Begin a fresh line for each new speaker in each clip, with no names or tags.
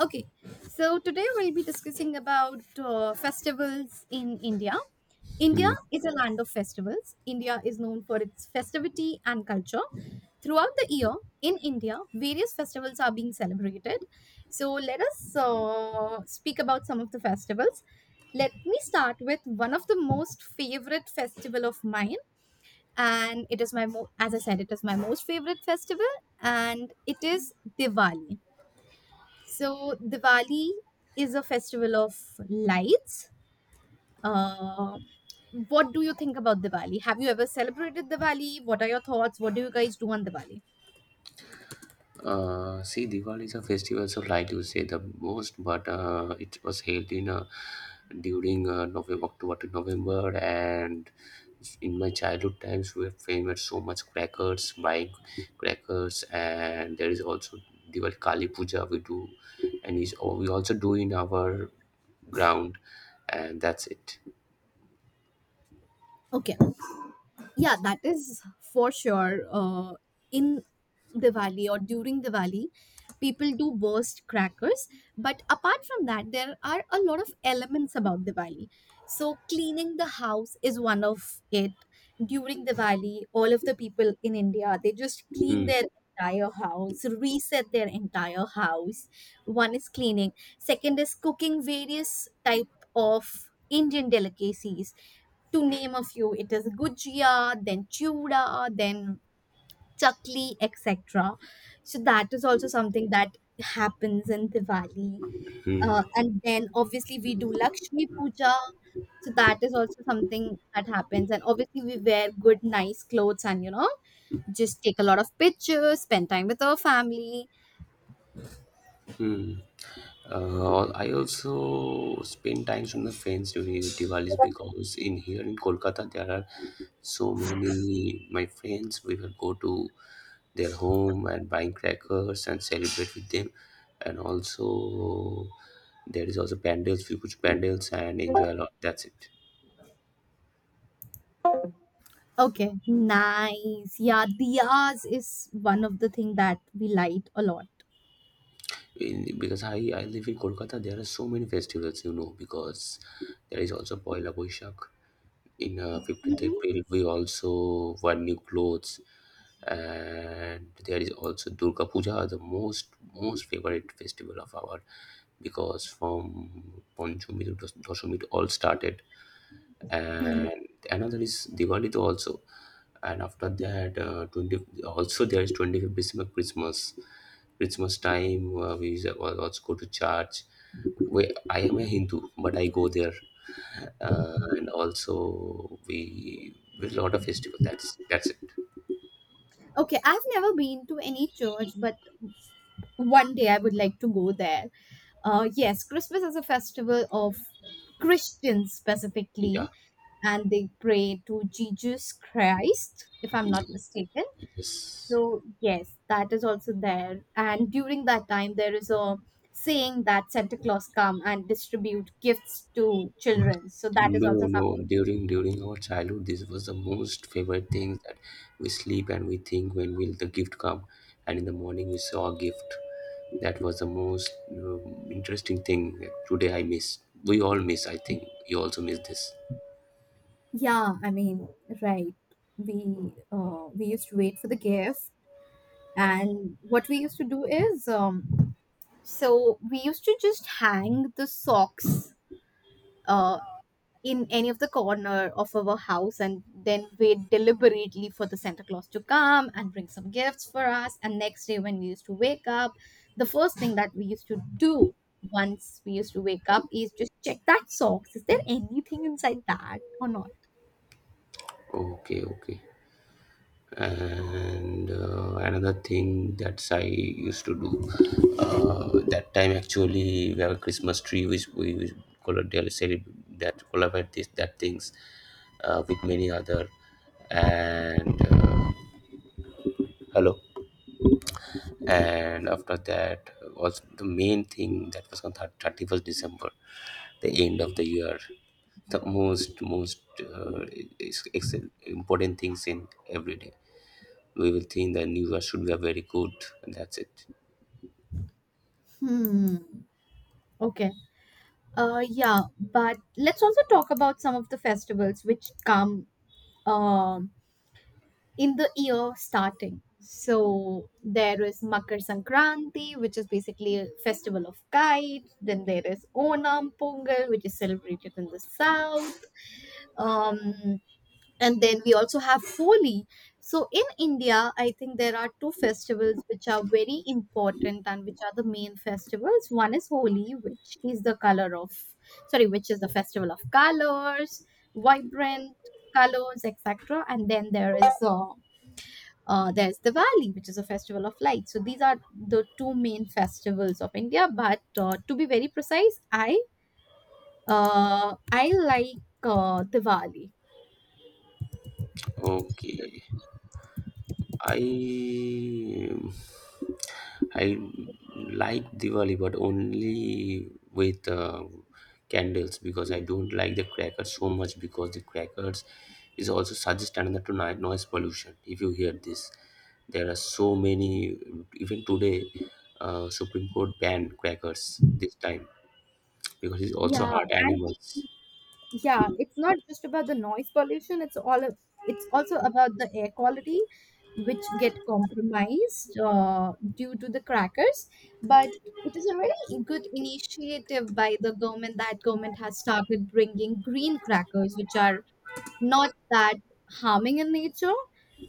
Okay, so today we'll be discussing about festivals in India. India
Hmm.
is a land of festivals. India is known for its festivity and culture. Throughout the year in India, various festivals are being celebrated. So let us speak about some of the festivals. Let me start with one of the most favorite festival of mine, and it is as I said, it is my most favorite festival, and it is Diwali. So Diwali is a festival of lights. Uh, what do you think about Diwali? Have you ever celebrated Diwali? What are your thoughts? What do you guys do on Diwali?
See, Diwali is a festival, so like you say, the most, but it was held in during November, October to November, and in my childhood times, we famous so much crackers, buying crackers, and there is also Diwali Kali Puja we do, and we also do in our ground, and that's it.
Okay, yeah, that is for sure. In Diwali or during Diwali, people do burst crackers, but apart from that there are a lot of elements about Diwali. So cleaning the house is one of it. During Diwali, all of the people in India, they just clean
Hmm.
their entire house, reset their entire house. One is cleaning, second is cooking various type of Indian delicacies. To name a few, it is gujia, then chuda, then chakli, etc. So that is also something that happens in Diwali.
Hmm.
And then obviously we do lakshmi puja, so that is also something that happens. And obviously we wear good nice clothes and, you know, just take a lot of pictures, spend time with our family.
Hmm. I also spend time with my friends during Diwali's because in here in Kolkata there are so many my friends. We will go to their home and buying crackers and celebrate with them, and also there is also pandals, we go pandals and enjoy a lot. That's it.
Okay, nice. Yeah, diyas is one of the thing that we light a lot.
Because I live in Kolkata, there are so many festivals, because there is also Poila Boishak in 15th
Mhm.
April, we also wear new clothes, and there is also Durga Puja, the most favorite festival of our, because from Panchami to Dasami it all started,
Hmm.
and another is Diwali too also, and after that 20 also there is 25th December Christmas. Christmas time we also go to church. I am a Hindu, but I go there, and also we with a lot of festival. That's it.
Okay, I've never been to any church, but one day I would like to go there. Yes, Christmas is a festival of Christians specifically,
Yeah.
and they pray to Jesus Christ, if I'm not mistaken.
Yes.
So, yes, that is also there. And during that time, there is a saying that Santa Claus come and distribute gifts to children. So that is
No,
also
no.
something.
During our childhood, this was the most favorite thing, that we sleep and we think when will the gift come, and in the morning we saw a gift. That was the most interesting thing. Today I miss. We all miss. I think you also miss this.
Yeah, I mean, right. We used to wait for the gift. And what we used to do is, so we used to just hang the socks uh, in any of the corner of our house and then wait deliberately for the Santa Claus to come and bring some gifts for us. And next day, when we used to wake up, the first thing that we used to do once we used to wake up is just check that socks. Is there anything inside that or not?
Okay, okay. And another thing that I used to do that time, actually we have a Christmas tree which we collaborate, that collaborate this that things with many other, and hello. And after that was the main thing, that was on 31st December, the end of the year, the most is important things in every day. We will think the new should be very good, and that's it.
Hmm. Okay. Yeah, but let's also talk about some of the festivals which come um, in the year starting. So there is Makar Sankranti, which is basically a festival of kites. Then there is Onam Pongal, which is celebrated in the south. Um, and then we also have Holi. So in India, I think there are two festivals which are very important and which are the main festivals. One is Holi, which is the color of, sorry, which is the festival of colors, vibrant colors, etc. And then there's Diwali, which is a festival of light. So these are the two main festivals of India. But to be very precise, I like Diwali.
Okay i i like Diwali, but only with candles, because I don't like the crackers so much, because the crackers is also suggest another to noise pollution. If you hear this, there are so many even today, Supreme Court banned crackers this time, because it's also
Yeah,
hurt
and
animals.
yeah, it's not just about the noise pollution, it's also about the air quality which get compromised due to the crackers. But it is a very good initiative by the government that government has started bringing green crackers which are not that harming in nature.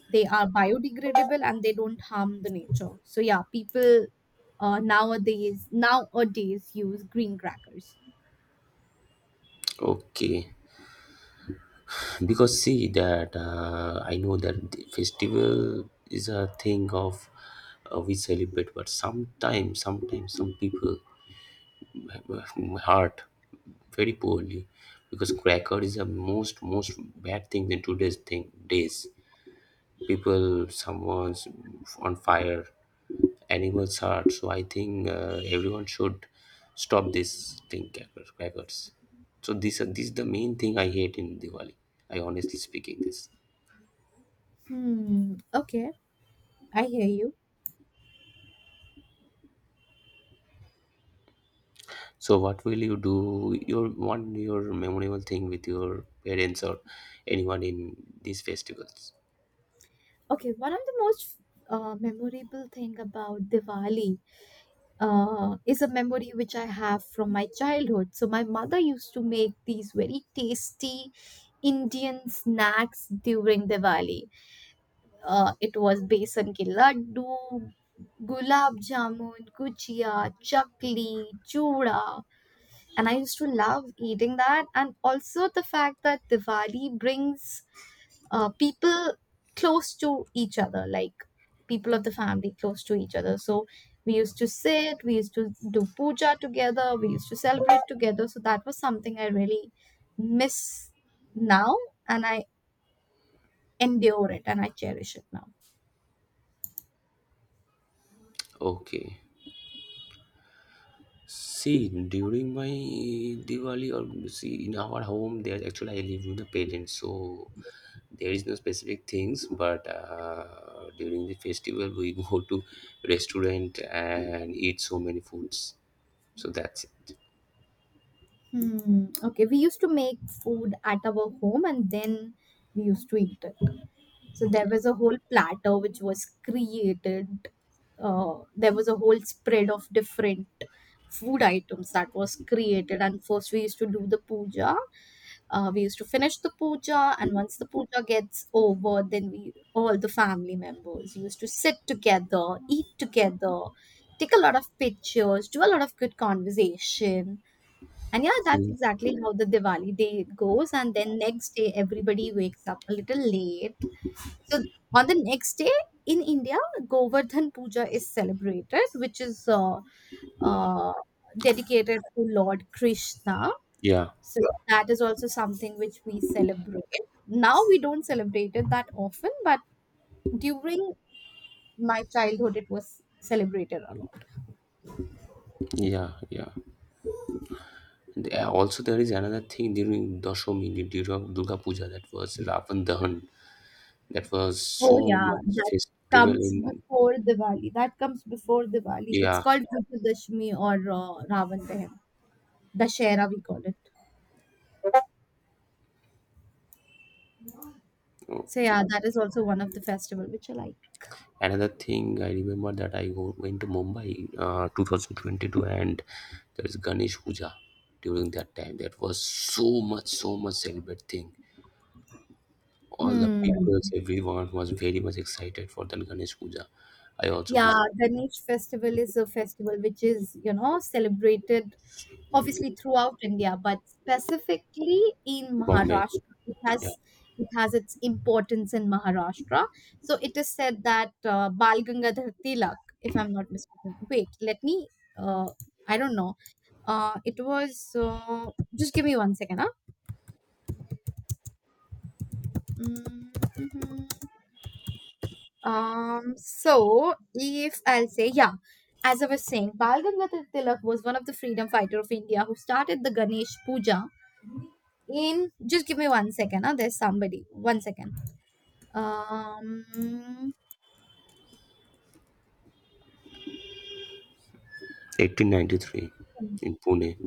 They are biodegradable and they don't harm the nature. So yeah, people nowadays use green crackers.
Okay, because see that I know that the festival is a thing of we celebrate, but sometimes some people have heart very poorly, because cracker is the most bad thing in today's thing days. People someone's on fire, animals hurt. So I think everyone should stop this thing, crackers, so this are these the main thing I hate in Diwali. I honestly speaking this.
Hmm, okay, I hear you.
So what will you do? Your What your memorable thing with your parents or anyone in these festivals?
Okay, one of the most memorable thing about Diwali is a memory which I have from my childhood. So my mother used to make these very tasty Indian snacks during Diwali. It was besan ke laddu, gulab jamun, gujia, chakli, chura, and I used to love eating that. And also the fact that Diwali brings people close to each other, like people of the family close to each other. So we used to sit, we used to do puja together, we used to celebrate together. So that was something I really miss now, and I endure it and I cherish it now.
Okay. See, during my Diwali, or see in our home, there actually I live with the parents, so there is no specific things. But during the festival, we go to restaurant and eat so many foods. So that's it.
Hmm. Okay, we used to make food at our home and then we used to eat it. So there was a whole platter which was created. There was a whole spread of different food items that was created. And first, we used to do the puja. We used to finish the puja, and once the puja gets over, then we all the family members used to sit together, eat together, take a lot of pictures, do a lot of good conversation. And yeah, that's
Mm.
exactly how the Diwali day goes. And then next day, everybody wakes up a little late. So on the next day in India, Govardhan Puja is celebrated, which is uh, dedicated to Lord Krishna.
Yeah,
So that is also something which we celebrate. Now we don't celebrate it that often, but during my childhood, it was celebrated a lot.
yeah, yeah. And also, there is another thing during Dashami, the Durga Puja. That was Ravan Dahan. That was
Oh
so
yeah,
much
that
festival
comes
in.
before Diwali. That comes before Diwali. It's
Yeah.
called Vijayadashmi or Ravan Dahan. Dashera we call it. So yeah,
Okay.
that is also one of the festival which I like.
Another thing I remember, that went to Mumbai 2022, and there is Ganesh Puja during that time. That was so much, so much celebrate thing. All the
Hmm.
people, everyone was very much excited for the Ganesh Puja. I also
Yeah,
visited
Ganesh festival is a festival which is, you know, celebrated obviously throughout India, but specifically in
Bombay,
Maharashtra.
yeah,
It has its importance in Maharashtra. So it is said that Bal Gangadhar Tilak, if I'm not mistaken. Wait, let me. Uh, I don't know. It was. Just give me one second, huh? Mm, mhm. So if I'll say, yeah, as I was saying, Bal Gangadhar Tilak was one of the freedom fighter of India who started the Ganesh Puja in, just give me one second. Huh? There's somebody. One second. Um,
1893 in Pune.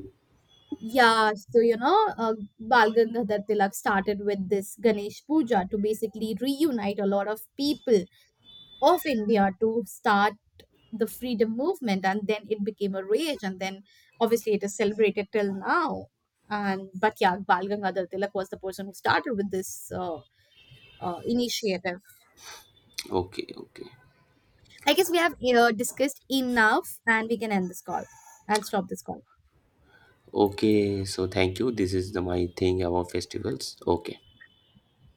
yeah, so Bal Gangadhar Tilak started with this Ganesh Puja to basically reunite a lot of people of India to start the freedom movement, and then it became a rage, and then obviously it is celebrated till now. And but yeah, Bal Gangadhar Tilak was the person who started with this initiative.
Okay, okay.
I guess we have discussed enough, and we can end this call and stop this call.
Okay, so thank you. This is the my thing about festivals. Okay.